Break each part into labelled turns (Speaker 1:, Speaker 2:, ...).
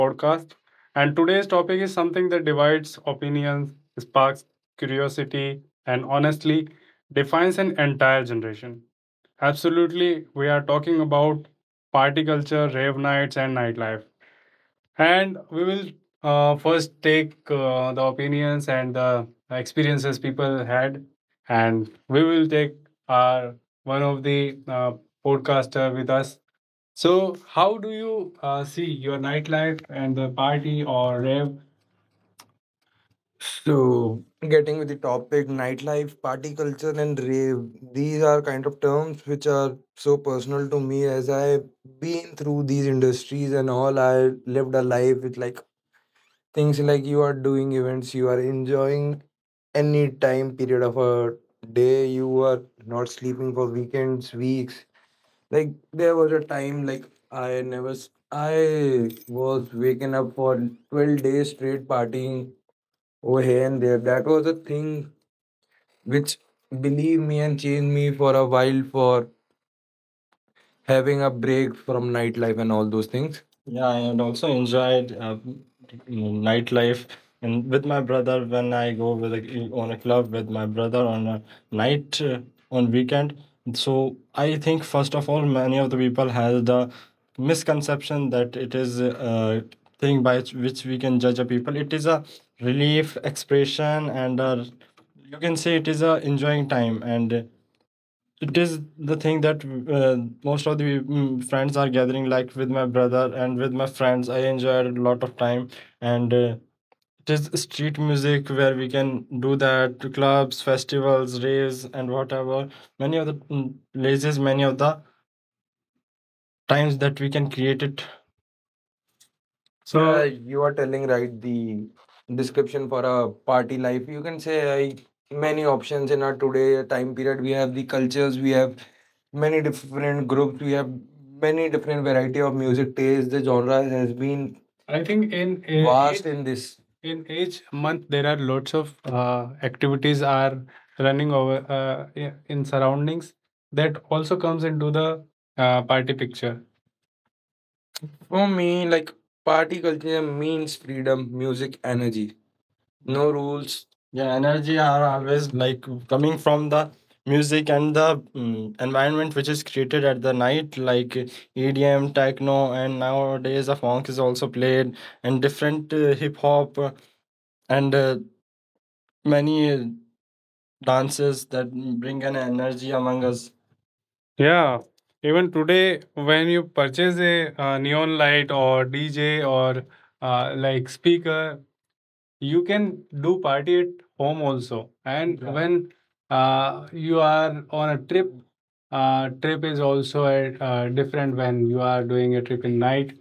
Speaker 1: podcast. And today's topic is something that divides opinions, sparks curiosity, and honestly defines an entire generation. Absolutely, we are talking about party culture, rave nights, and nightlife. And we will first take the opinions and the experiences people had, and we will take our one of the podcaster with us. So, how do you see your nightlife and the party or rave? So, getting with the topic, nightlife, party culture, and rave, these are kind of terms which are so personal to me as I've been through these industries and all. I lived a life with like things like you are doing events, you are enjoying any time period of a day, you are not sleeping for weekends, weeks. Like there was a time like I never s- I was waking up for 12 days straight partying over here and there. That was a thing which believe me and changed me for a while for having a break from nightlife and all those things. Nightlife and with my brother when I go with a, on a club with my brother on a night on weekend. So I think first of all many of the people has the misconception that it is a thing by which we can judge a people. It is a relief expression and a, you can say it is a enjoying time and it is the thing that uh, most of the friends are gathering like with my brother and with my friends. I enjoyed a lot of time and it is street music where we can do that, clubs, festivals, raves, and whatever many of the places, many of the times that we can create it. So yeah, you are telling right the description for a party life. You can say like, many options in our today time period. We have the cultures, we have many different groups, we have many different variety of music taste. The genre has been I think in vast each, in this, in each month there are lots of activities are running over in surroundings that also comes into the party picture. For me, like party culture means freedom, music, energy, no rules. Yeah, energy are always like coming from the music and the mm environment which is created at the night, like EDM, techno, and nowadays the funk is also played, and different hip hop, and many dances that bring an energy among us. Yeah, even today, when you purchase a neon light or DJ or like speaker, you can do party at home also. And yeah, when you are on a trip, trip is also a different when you are doing a trip in night.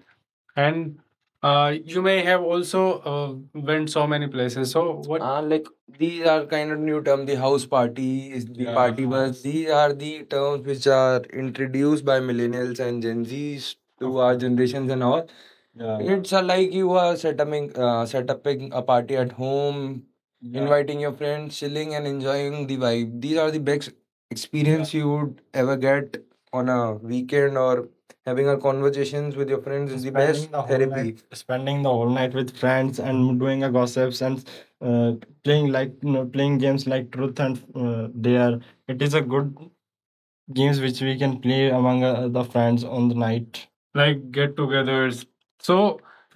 Speaker 1: And you may have also went so many places. So what? Like these are kind of new term. The house party is the yeah, party bus. These are the terms which are introduced by millennials and Gen Zs to our generations and all. Yeah. It's like you are setting, setting a party at home, yeah, inviting your friends, chilling and enjoying the vibe. These are the best yeah, experience you would ever get on a weekend, or having our conversations with your friends is the best therapy. Spending the whole night with friends and doing a gossips and uh, playing playing games like truth and dare. It is a good games which we can play among the friends on the night. Like get togethers. So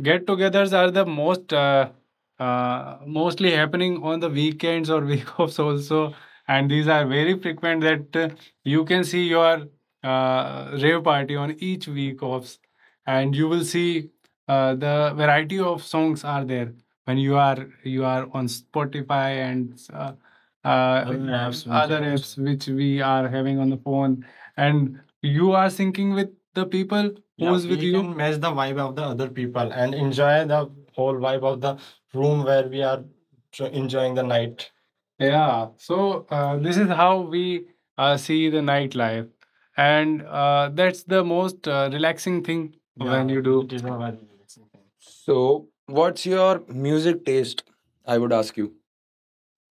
Speaker 1: get togethers are the most mostly happening on the weekends or week offs also, and these are very frequent that you can see your rave party on each week offs, and you will see the variety of songs are there when you are on Spotify and uh, other apps, which we are having on the phone, and you are syncing with the people. Yeah, who's yeah, with we you can match the vibe of the other people and enjoy the whole vibe of the room where we are enjoying the night. Yeah, so this is how we see the nightlife, and that's the most relaxing thing, yeah, when you do. It is a very relaxing thing. So, what's your music taste? I would ask you.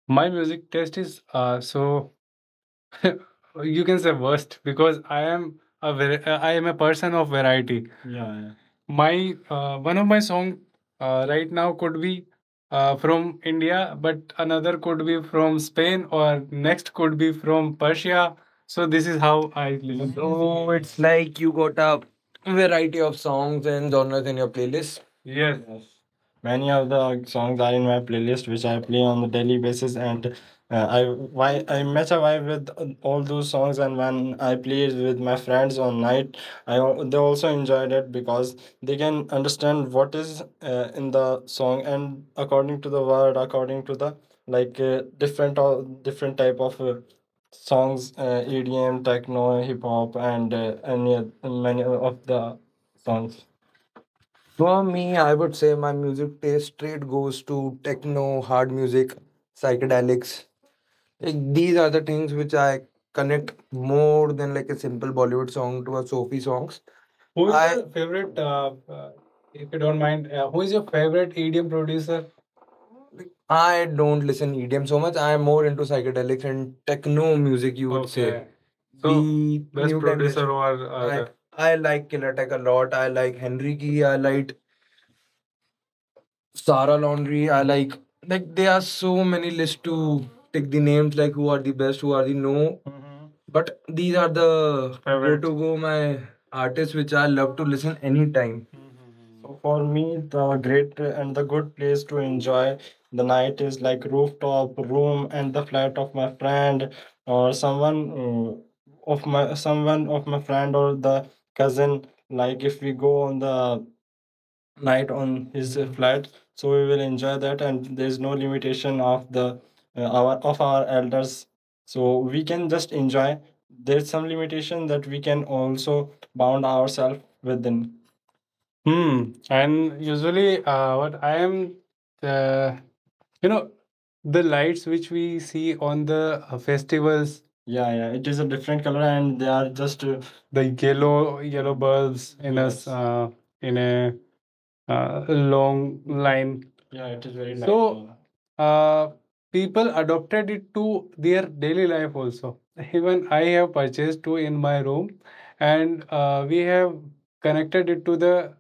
Speaker 1: My music taste is so you can say worst because I am a person of variety. Yeah, yeah. My one of my song right now could be from India, but another could be from Spain, or next could be from Persia. So this is how I listen. So it's like you got a variety of songs and genres in your playlist. Yes. Yes, many of the songs are in my playlist which I play on a daily basis, and I why I match a vibe with all those songs, and when I play it with my friends on night they also enjoyed it because they can understand what is in the song, and according to the word, according to the like different or different type of songs, EDM, techno, hip hop, and many of the songs. For me, I would say my music taste straight goes to techno, hard music, psychedelics. Like, these are the things which I connect more than like a simple Bollywood song to a Sophie songs. Who is I your favorite, if you don't mind, who is your favorite EDM producer? I don't listen EDM so much. I'm more into psychedelics and techno music. You would say okay. So, the best new producer generation, or right. I like Killer Tech a lot. I like Henry Key. I like Sara Laundry. I like there are so many lists to take the names like who are the best, who are the no. Mhm. But these are the favorite to go my artists which I love to listen anytime. So for me, the great and the good place to enjoy the night is like rooftop room and the flat of my friend or someone of my someone of my friend or the cousin. Like if we go on the night on his flat, so we will enjoy that and there's no limitation of the our elders, so we can just enjoy. There's some limitation that we can also bound ourselves within. Hmm. And usually, what I am, uh, you know, the lights which we see on the festivals, yeah, yeah, it is a different color, and they are just the yellow yellow bulbs in us. Yes, in a long line. Yeah, it is very nice. So, uh, people adopted it to their daily life also. Even I have purchased two in my room, and we have connected it to the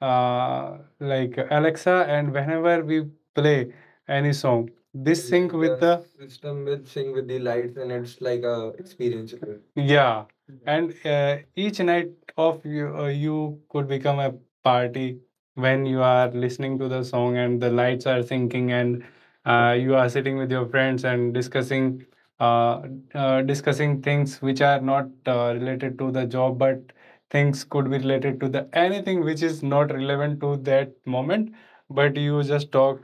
Speaker 1: like Alexa, and whenever we play any song, this sync with the lights, and it's like a experience. Yeah, and each night of you you could become a party when you are listening to the song and the lights are sinking, and you are sitting with your friends and discussing uh, discussing things which are not related to the job, but things could be related to the anything which is not relevant to that moment, but you just talk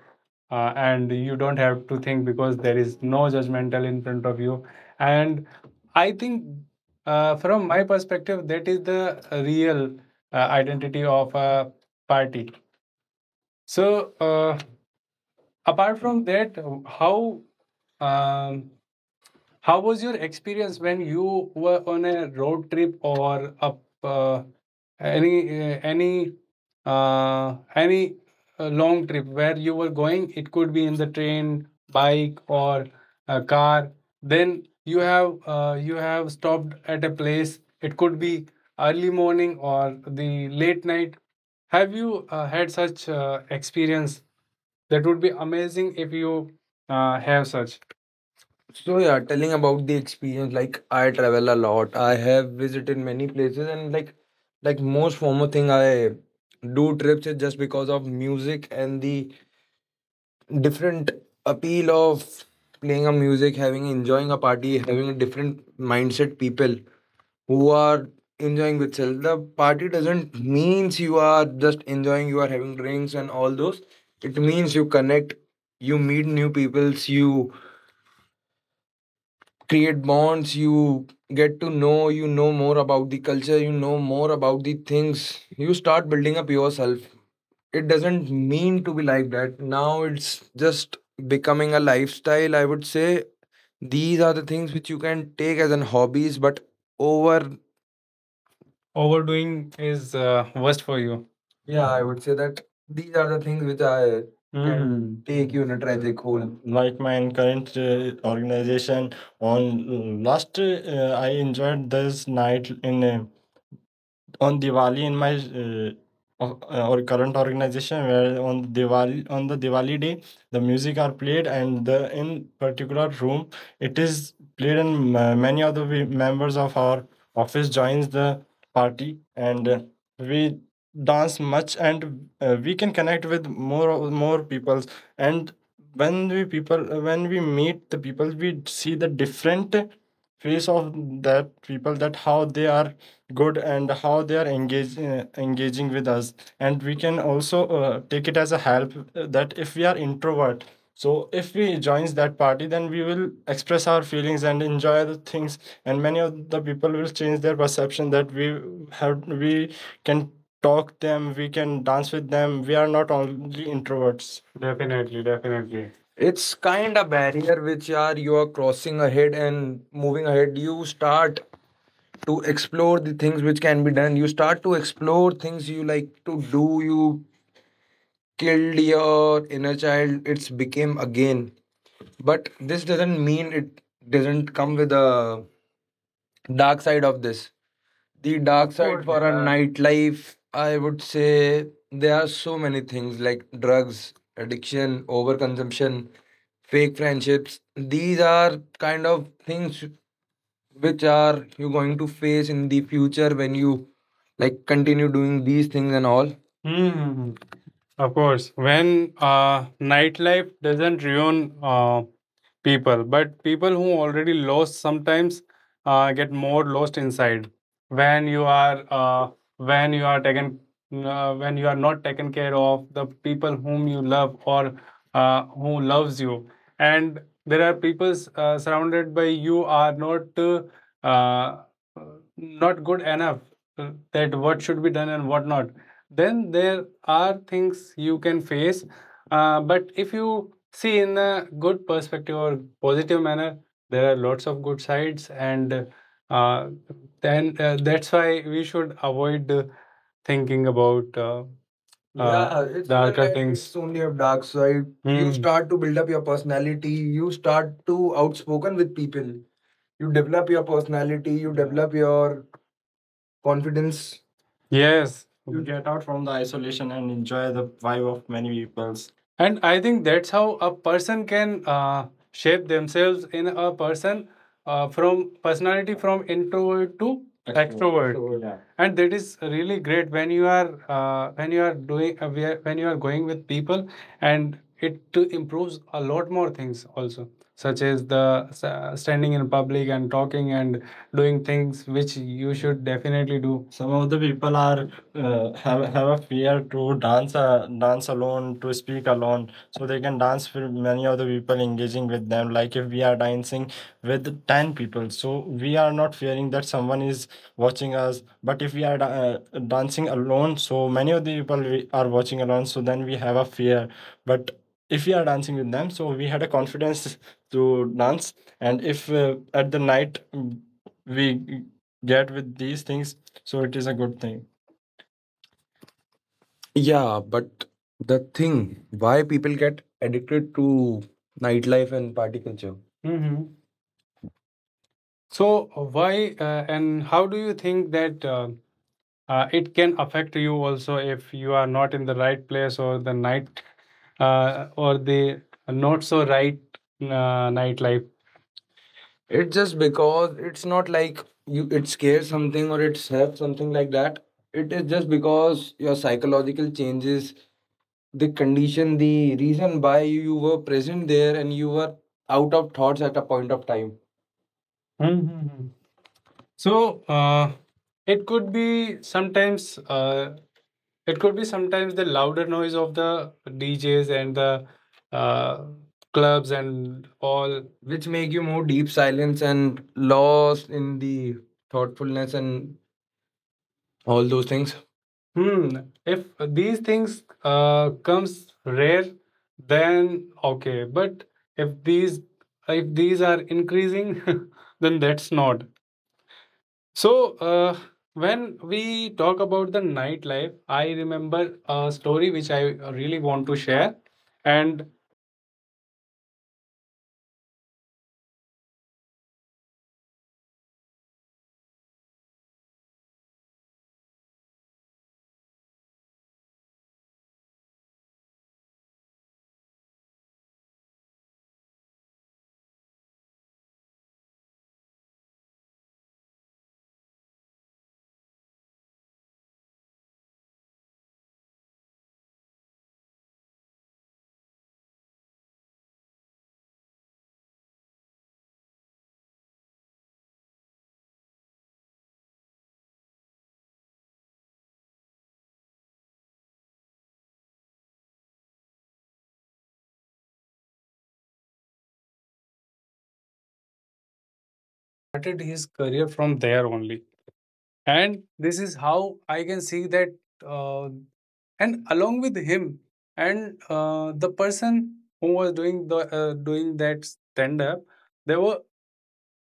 Speaker 1: and you don't have to think because there is no judgmental in front of you, and I think from my perspective, that is the real identity of a party. So, apart from that, how um, how was your experience when you were on a road trip or up any uh, any any long trip where you were going? It could be in the train, bike, or a car. Then you have stopped at a place. It could be early morning or the late night. Have you had such experience? That would be amazing if you have such. So yeah, telling about the experience, like I travel a lot. I have visited many places, and like most formal thing I do trips is just because of music and the different appeal of playing a music, having enjoying a party, having a different mindset people who are enjoying with self. The party doesn't means you are just enjoying, you are having drinks and all those. It means you connect, you meet new peoples, you create bonds, you get to know, more about the culture, you know more about the things, you start building up yourself. It doesn't mean to be like that. Now it's just becoming a lifestyle, I would say. These are the things which you can take as an hobbies, but over Overdoing is worst for you. Yeah, I would say that these are the things which I can take you in a tragic hole. Like my current organization on last I enjoyed this night in a on Diwali in my o- or current organization, where on Diwali, on the Diwali day, the music are played and the in particular room it is played, and many of the members of our office joins the party, and we dance much, and we can connect with more peoples. And when we people, when we meet the people, we see the different face of that people, that how they are good and how they are engage, engaging with us. And we can also take it as a help, that if we are introvert, so if we joins that party, then we will express our feelings and enjoy the things, and many of the people will change their perception that we have, we can talk them, we can dance with them, we are not only introverts. Definitely, definitely. It's kind of barrier which are you are crossing ahead and moving ahead. You start to explore the things which can be done. You start to explore things you like to do. You killed your inner child. It's became again. But this doesn't mean, it doesn't come with a dark side of this. The dark side for a nightlife, I would say, there are so many things like drugs, addiction, overconsumption, fake friendships. These are kind of things which are you going to face in the future when you like continue doing these things and all. Hmm. Of course, when nightlife doesn't ruin people, but people who already lost sometimes get more lost inside, when you are uh, when you are taken when you are not taken care of the people whom you love, or who loves you, and there are people surrounded by you are not uh, not good enough, that what should be done and what not, then there are things you can face. But if you see in a good perspective or positive manner, there are lots of good sides, and uh, then that's why we should avoid thinking about yeah, it's darker like it's things. It's only a dark side. You start to build up your personality. You start to outspoken with people. You develop your personality. You develop your confidence. Yes. You get out from the isolation and enjoy the vibe of many people's. And I think that's how a person can shape themselves in a person from personality, from introvert to extrovert. Yeah, and that is really great when you are doing, when you are going with people, and it to improves a lot more things also, such as the standing in public and talking and doing things which you should definitely do. Some of the people are have a fear to dance, dance alone, to speak alone, so they can dance with many other people engaging with them. Like if we are dancing with 10 people, so we are not fearing that someone is watching us. But if we are dancing alone, so many of the people we are watching alone, so then we have a fear. But if we are dancing with them, so we had a confidence to dance. And if at the night we get with these things, so it is a good thing. Yeah, but the thing why people get addicted to nightlife and party culture. hmm So, why and how do you think that it can affect you also if you are not in the right place, or the night or the not so right nightlife. It's just because, it's not like you, it scares something or it's have something like that. It is just because your psychological changes, the condition, the reason why you were present there and you were out of thoughts at a point of time. Mhm. So it could be sometimes uh, it could be sometimes the louder noise of the DJs and the uh, clubs and all, which make you more deep silence and lost in the thoughtfulness and all those things. Hmm. If these things comes rare, then okay. But if these, if these are increasing, then that's not. So, when we talk about the nightlife, I remember a story which I really want to share. And
Speaker 2: Started his career from there only. And this is how I can see that, uh, and along with him and the person who was doing the doing that stand up, there were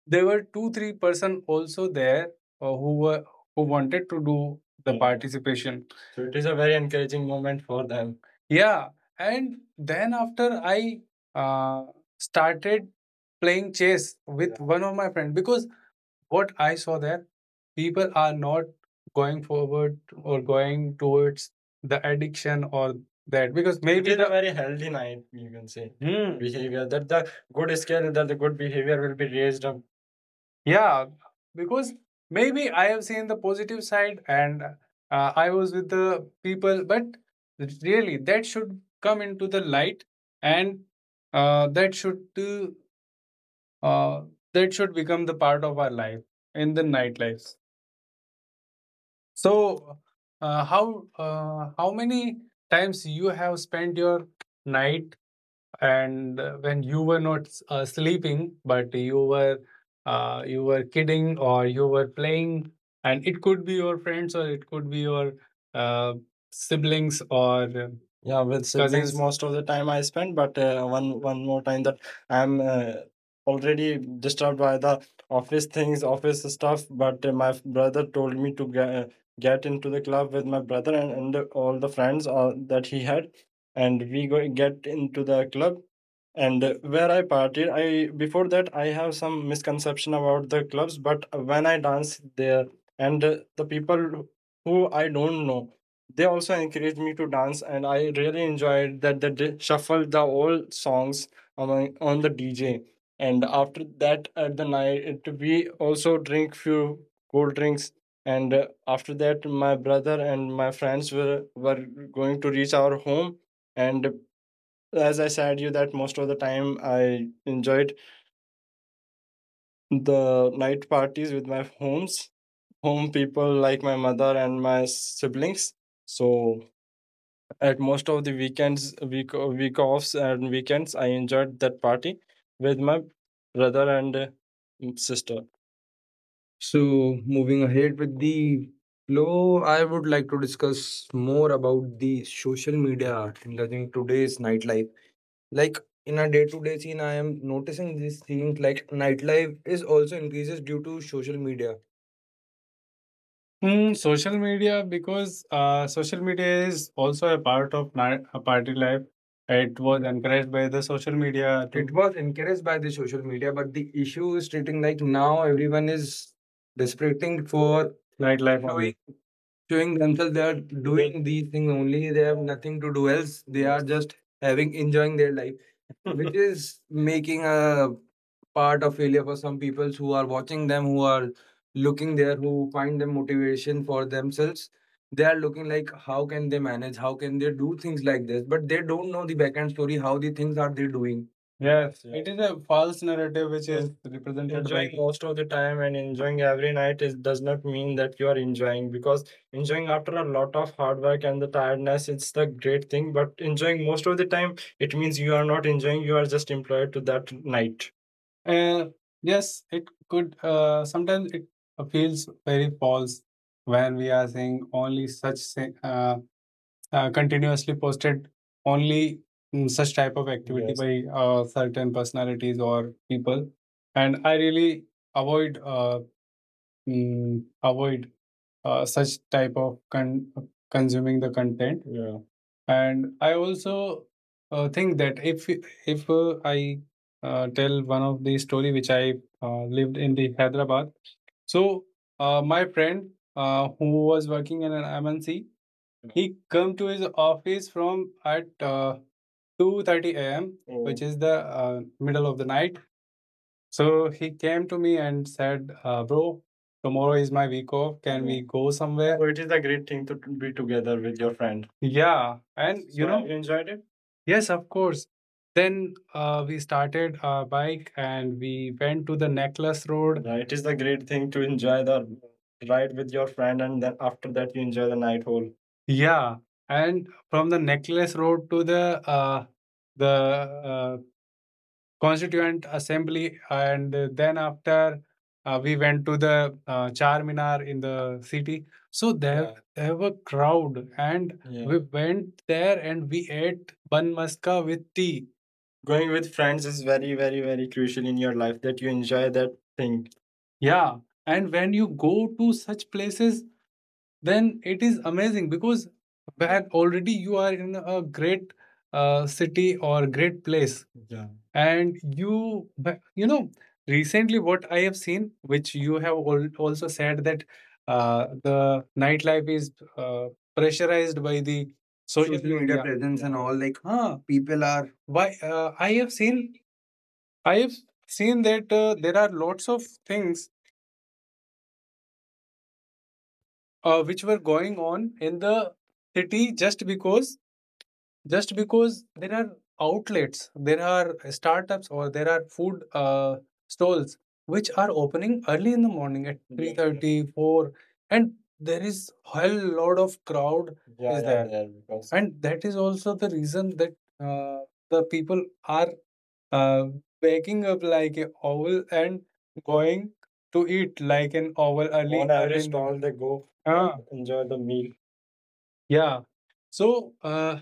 Speaker 2: there were 2 3 person also there, who were who wanted to do the, yeah, participation. So it is a very encouraging moment for them. Yeah, and then after I uh, started playing chess with, yeah, one of my friend, because what I saw there, people are not going forward or going towards the addiction or that, because it maybe it is a the a very healthy night, you can say, hmm, behavior. That the good skill, that the good behavior will be raised up. Yeah, because maybe I have seen the positive side and I was with the people, but really that should come into the light and uh, that should uh, that should become the part of our life in the nightlife. So, how how many times you have spent your night and when you were not sleeping but you were kidding or you were playing, and it could be your friends or it could be your uh, siblings or uh? Yeah, with siblings cousins most of the time I spend, but one more time that I'm already disturbed by the office things, office stuff. But my brother told me to get into the club with my brother and all the friends that he had, and we go get into the club and where I partied. I before that i have some misconception about the clubs, but when I dance there and the people who I don't know, they also encouraged me to dance and I really enjoyed that. They did shuffle the old songs among, on the DJ, and after that at the night it, we also drink few cold drinks and after that my brother and my friends were going to reach our home. And as I said you, that most of the time I enjoyed the night parties with my home people, like my mother and my siblings. So at most of the weekends, week offs and weekends, I enjoyed that party with my brother and sister. So, moving ahead with the flow, I would like to discuss more about the social media art in in today's nightlife. Like in a day-to-day scene, I am noticing these things, like nightlife is also increases due to social media. Hmm, social media, because social media is also a part of a party life. It was encouraged by the social media It too. Was encouraged by the social media, but the issue is treating like now everyone is desperating for nightlife showing only, showing themselves they are doing these things only. They have nothing to do else. They are just having enjoying their life, which is making a part of failure for some people who are watching them, who are looking there, who find them motivation for themselves. They are looking like how can they manage, how can they do things like this, but they don't know the backend story, how the things are they doing. Yes, yeah, it is a false narrative which is represented enjoying by most of the time, and enjoying every night is does not mean that you are enjoying, because enjoying after a lot of hard work and the tiredness, it's the great thing. But enjoying most of the time, it means you are not enjoying, you are just employed to that night. uh, yes, it could. Sometimes it feels very false when we are seeing only such continuously posted only, mm, such type of activity. Yes. By certain personalities or people. And I really avoid, avoid such type of consuming the content. Yeah. And I also think that if I tell one of the story which I lived in the Hyderabad. So my friend who was working in an MNC, yeah, he come to his office from at 2:30 a.m. Oh. Which is the uh, middle of the night. So he came to me and said, "Bro, tomorrow is my week off. Can, mm-hmm, we, mhm, go somewhere?" So it is a great thing to be together with your friend. Yeah, and you, so, know, you enjoyed it? Yes, of course. Then we started our bike and we went to the Necklace Road. Yeah, it is the great thing to enjoy the ride with your friend, and then after that you enjoy the night hole. Yeah, and from the Necklace Road to the uh, the uh, Constituent Assembly, and then after we went to the Char Minar in the city. So there, yeah, there were crowd, and, yeah, we went there and we ate bun maska with tea. Going with friends is very, very, very crucial in your life, that you enjoy that thing. Yeah, and when you go to such places, then it is amazing, because back already you are in a great city or great place. Yeah. And you, you know, recently what I have seen, which you have also said, that the nightlife is uh, pressurized by the social, social media, media presence and all they are. Why I have seen that there are lots of things which were going on in the city, just because, just because there are outlets, there are startups, or there are food stalls which are opening early in the morning at, yeah, 3:30, and there is whole lot of crowd, yeah, is, yeah, there, yeah, because, and that is also the reason that uh, the people are uh, waking up like an owl and going to eat like an owl early on early average in stall they go. Ah, enjoy the meal. Yeah. So uh,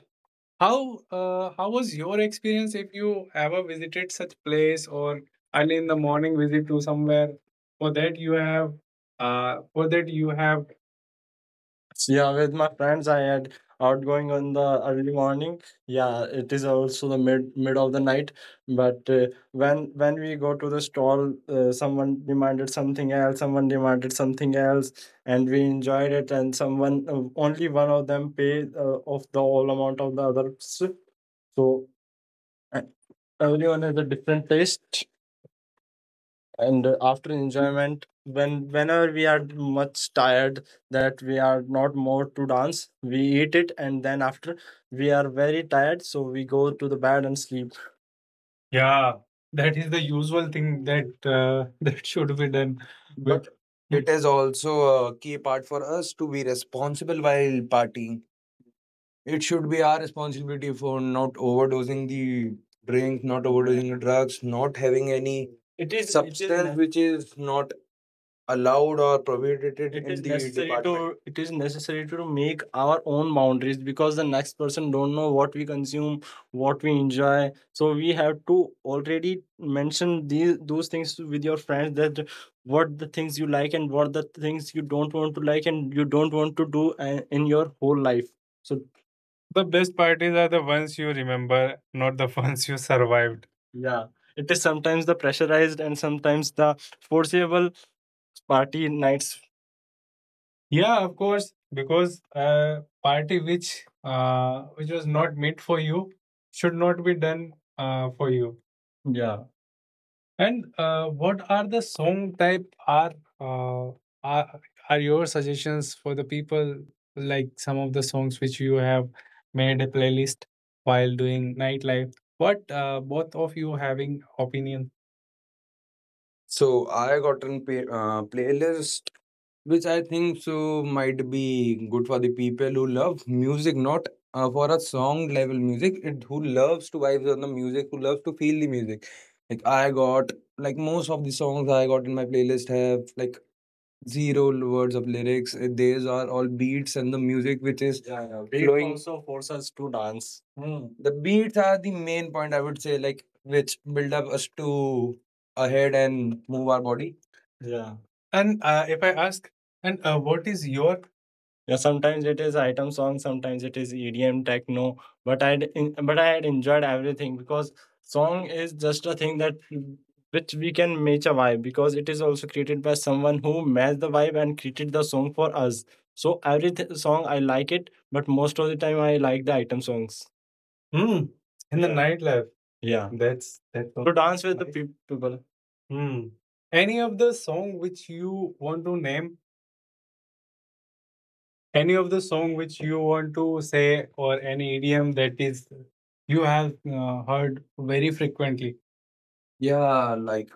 Speaker 2: how uh, how was your experience if you ever visited such place, or early in the morning visit to somewhere, for that you have for that you have? Yeah, with my friends, I had outgoing on the early morning. Yeah, it is also the mid of the night. But when we go to the stall, someone demanded something else. Someone demanded something else, and we enjoyed it. And someone only one of them pay of the whole amount of the others. So uh, everyone has a different taste, and after enjoyment, when whenever we are much tired that we are not more to dance, we eat it, and then after we are very tired, so we go to the bed and sleep. Yeah, that is the usual thing that that should be done. But it is also a key part for us to be responsible while partying. It should be our responsibility for not overdosing the drink, not overdosing the drugs, not having any, it is substance which is not allowed or prohibited it in is the necessary department, to it is necessary to make our own boundaries. Because the next person don't know what we consume, what we enjoy, so we have to already mention these those things with your friends, that what the things you like and what the things you don't want to like, and you don't want to do in your whole life. So the best parties are the ones you remember, not the ones you survived. Yeah, it is sometimes the pressurized and sometimes the foreseeable party nights. Yeah, of course, because a party which which was not meant for you should not be done for you. And what are the song type uh, are are your suggestions for the people, like some of the songs which you have made a playlist while doing nightlife? What both of you having opinion? So I got gotten pay, playlist, which I think so might be good for the people who love music, not for a song level music. It who loves to vibes on the music, who loves to feel the music. Like I got, like, most of the songs I got in my playlist have like zero words of lyrics. These are all beats and the music, which is, yeah, yeah, beat flowing, also force us to dance. Hmm. The beats are the main point, I would say, like which build up us to ahead and move our body. Yeah. And if I ask, and what is your yeah, sometimes it is item song, sometimes it is EDM techno, but I but I had enjoyed everything because song is just a thing that which we can match a vibe because it is also created by someone who matched the vibe and created the song for us. So every song I like it, but most of the time I like the item songs. Hmm. In the yeah, nightlife. Yeah. That's so to dance with the nice peop- people. Hmm. Any of the song which you want to name, any of the song which you want to say or any idiom that is you have heard very frequently? Yeah, like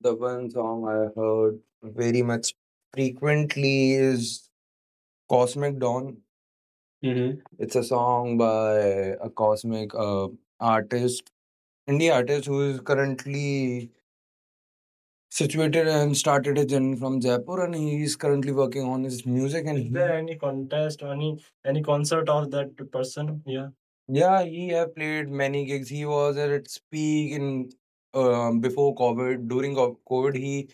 Speaker 2: the one song I heard very much frequently is Cosmic Dawn. Hmm It's a song by a cosmic artist, indie artist who is currently situated and started his journey from Jaipur, and he is currently working on his music. And is there any contest or any concert of that person? Yeah, yeah, he have played many gigs. He was at its peak in before COVID. During COVID, he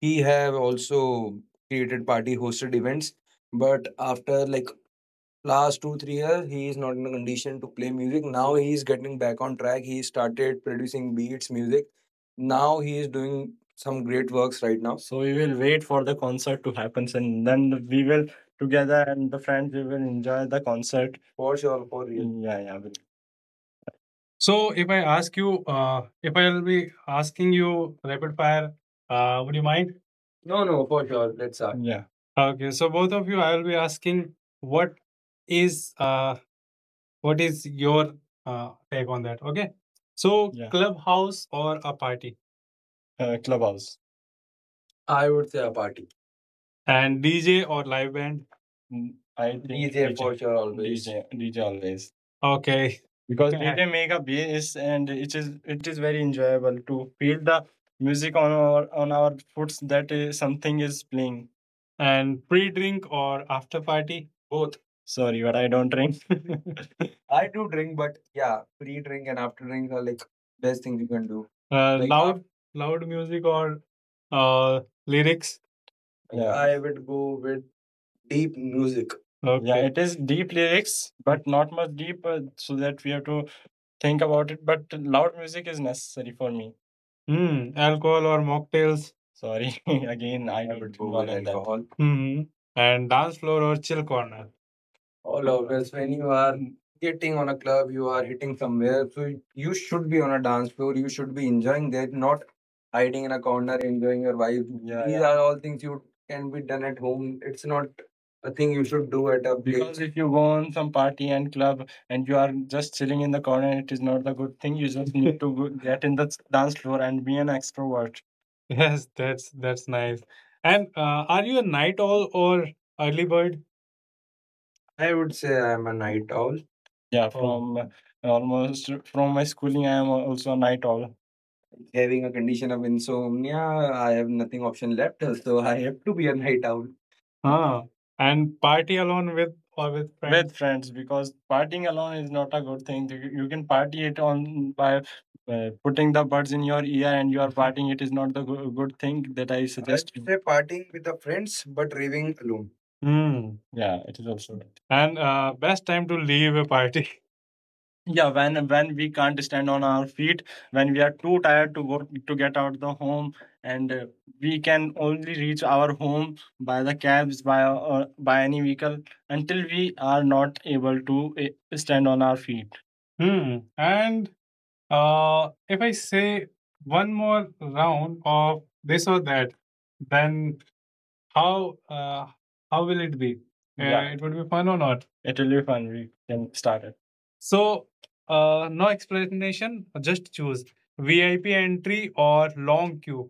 Speaker 2: he have also created party hosted events. But after like last 2-3 years, he is not in a condition to play music. Now he is getting back on track. He started producing beats, music. Now he is doing some great works right now. So we will wait for the concert to happen and then we will together and the friends we will enjoy the concert. For sure, for real. Yeah, yeah, will. So if I ask you, if I will be asking you rapid fire, would you mind? No, no, for sure. Let's start. Yeah. Okay, so both of you, I will be asking what is uh, what is your take on that? Okay. So, yeah, clubhouse or a party? Clubhouse. I would say a party. And DJ or live band? Mm, I think DJ for sure always. DJ, DJ always. Okay, because, okay, DJ make a bass and it is very enjoyable to feel the music on our foots, that is, something is playing. And pre drink or after party? Both. Sorry, but I don't drink. I do drink, but yeah, pre drink and after drink are like best things you can do. Like loud music or uh, lyrics? Yeah, I would go with deep music. Okay. Yeah, it is deep lyrics, but not much deep, so that we have to think about it. But loud music is necessary for me. Hmm. Alcohol or mocktails? Sorry, again, I would go with in that, alcohol. Hmm. And dance floor or chill corner? All always when you are getting on a club you are hitting somewhere, so you should be on a dance floor, you should be enjoying that, not hiding in a corner enjoying your wife. Yeah, these yeah, are all things you can be done at home, it's not a thing you should do at a place. Because if you go on some party and club and you are just chilling in the corner, it is not the good thing. You just need to go get in the dance floor and be an extrovert. Yes, that's nice. And are you a night owl or early bird? I would say I'm a night owl. Yeah, oh, from almost from my schooling, I am also a night owl. Having a condition of insomnia, I have nothing option left, so I have to be a night owl. Huh? And party alone with or with friends? With friends, because partying alone is not a good thing. You can party it on by putting the buds in your ear and you are partying. It is not the good thing that I suggest. Would you say partying with the friends, but raving alone. Hmm. Yeah, it is also. And best time to leave a party? Yeah, when we can't stand on our feet, when we are too tired to work to get out the home and we can only reach our home by the cabs by or by any vehicle until we are not able to stand on our feet. Hmm. And if I say one more round of this or that, then how uh, how will it be? Yeah. It would be fun or not? It will be fun. We can start it. So no explanation. Just choose VIP entry or long queue.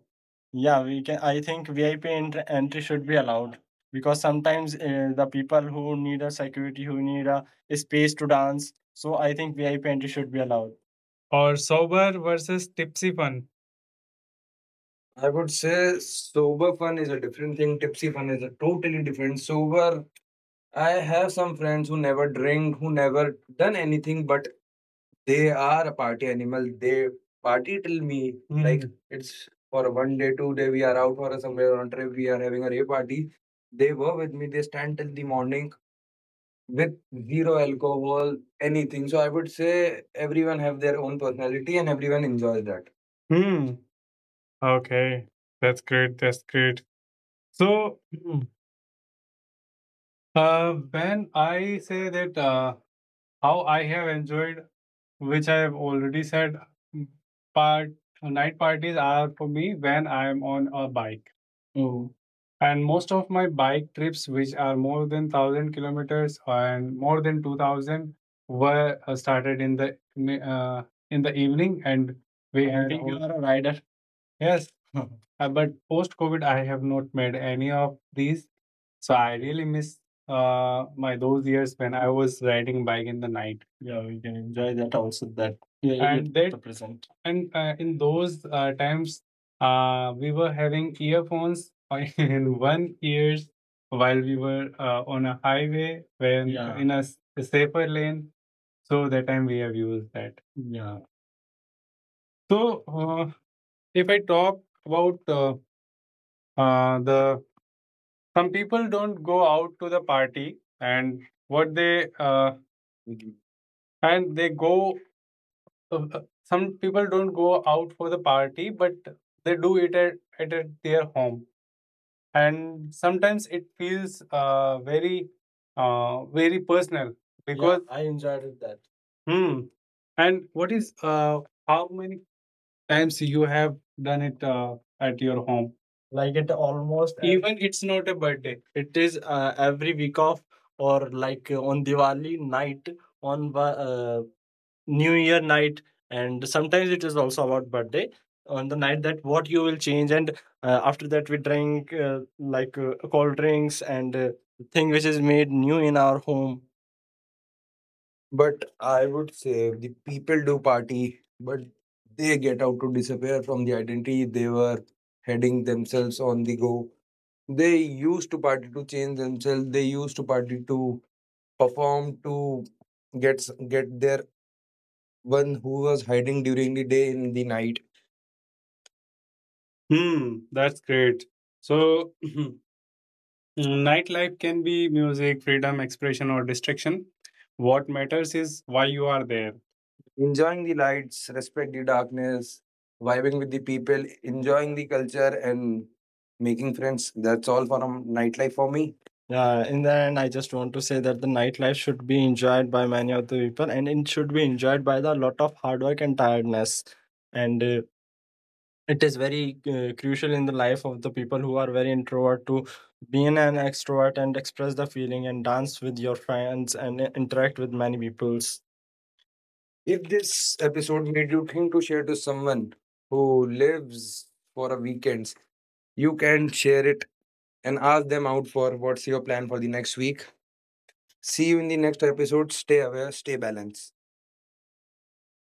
Speaker 2: Yeah, we can. I think VIP entry should be allowed because sometimes the people who need a security, who need a space to dance. So I think VIP entry should be allowed. Or sober versus tipsy fun? I would say sober fun is a different thing. Tipsy fun is a totally different. Sober, I have some friends who never drink, who never done anything, but they are a party animal. They party till me. Like Hmm. it's for a one day, two day, we are out for a somewhere on trip. We are having a rave party. They were with me. They stand till the morning with zero alcohol, anything. So I would say everyone have their own personality and everyone enjoys that. Hmm. Okay, that's great, that's great. So, when I say that how I have enjoyed, which I have already said, mm, part night parties are for me when I am on a bike. Oh, and most of my bike trips, which are more than 1,000 kilometers and more than 2,000, were started in the in the evening, and we I had think you all are a rider. Yes, uh, but post-COVID, I have not made any of these. So I really miss my those years when I was riding bike in the night. Yeah, we can enjoy that also. That yeah, yeah, and that the present. And in those times, we were having earphones in one ears while we were on a highway, when, yeah, in a, a safer lane. So that time we have used that. Yeah, so if I talk about the some people don't go out to the party, and what they and they go. Some people don't go out for the party, but they do it at their home, and sometimes it feels very personal. Yeah, because I enjoyed it that. Hmm. And what is how many times you have done it at your home? Like it almost even it's not a birthday, it is every week off or like on Diwali night, on uh, new year night, and sometimes it is also about birthday on the night, that what you will change and after that we drink like cold drinks and thing which is made new in our home. But I would say the people do party, but they get out to disappear from the identity they were heading themselves on the go. They used to party to change themselves. They used to party to perform to get get their one who was hiding during the day in the night. Hmm, that's great. So, nightlife can be music, freedom, expression, or distraction. What matters is why you are there, enjoying the lights, respect the darkness, vibing with the people, enjoying the culture, and making friends. That's all for nightlife for me. Yeah, in the end, I just want to say that the nightlife should be enjoyed by many of the people, and it should be enjoyed by the lot of hard work and tiredness. And it is very crucial in the life of the people who are very introvert to be an extrovert and express the feeling and dance with your friends and interact with many peoples. If this episode made you think to share to someone who lives for a weekends, you can share it and ask them out for what's your plan for the next week. See you in the next episode. Stay aware, stay balanced.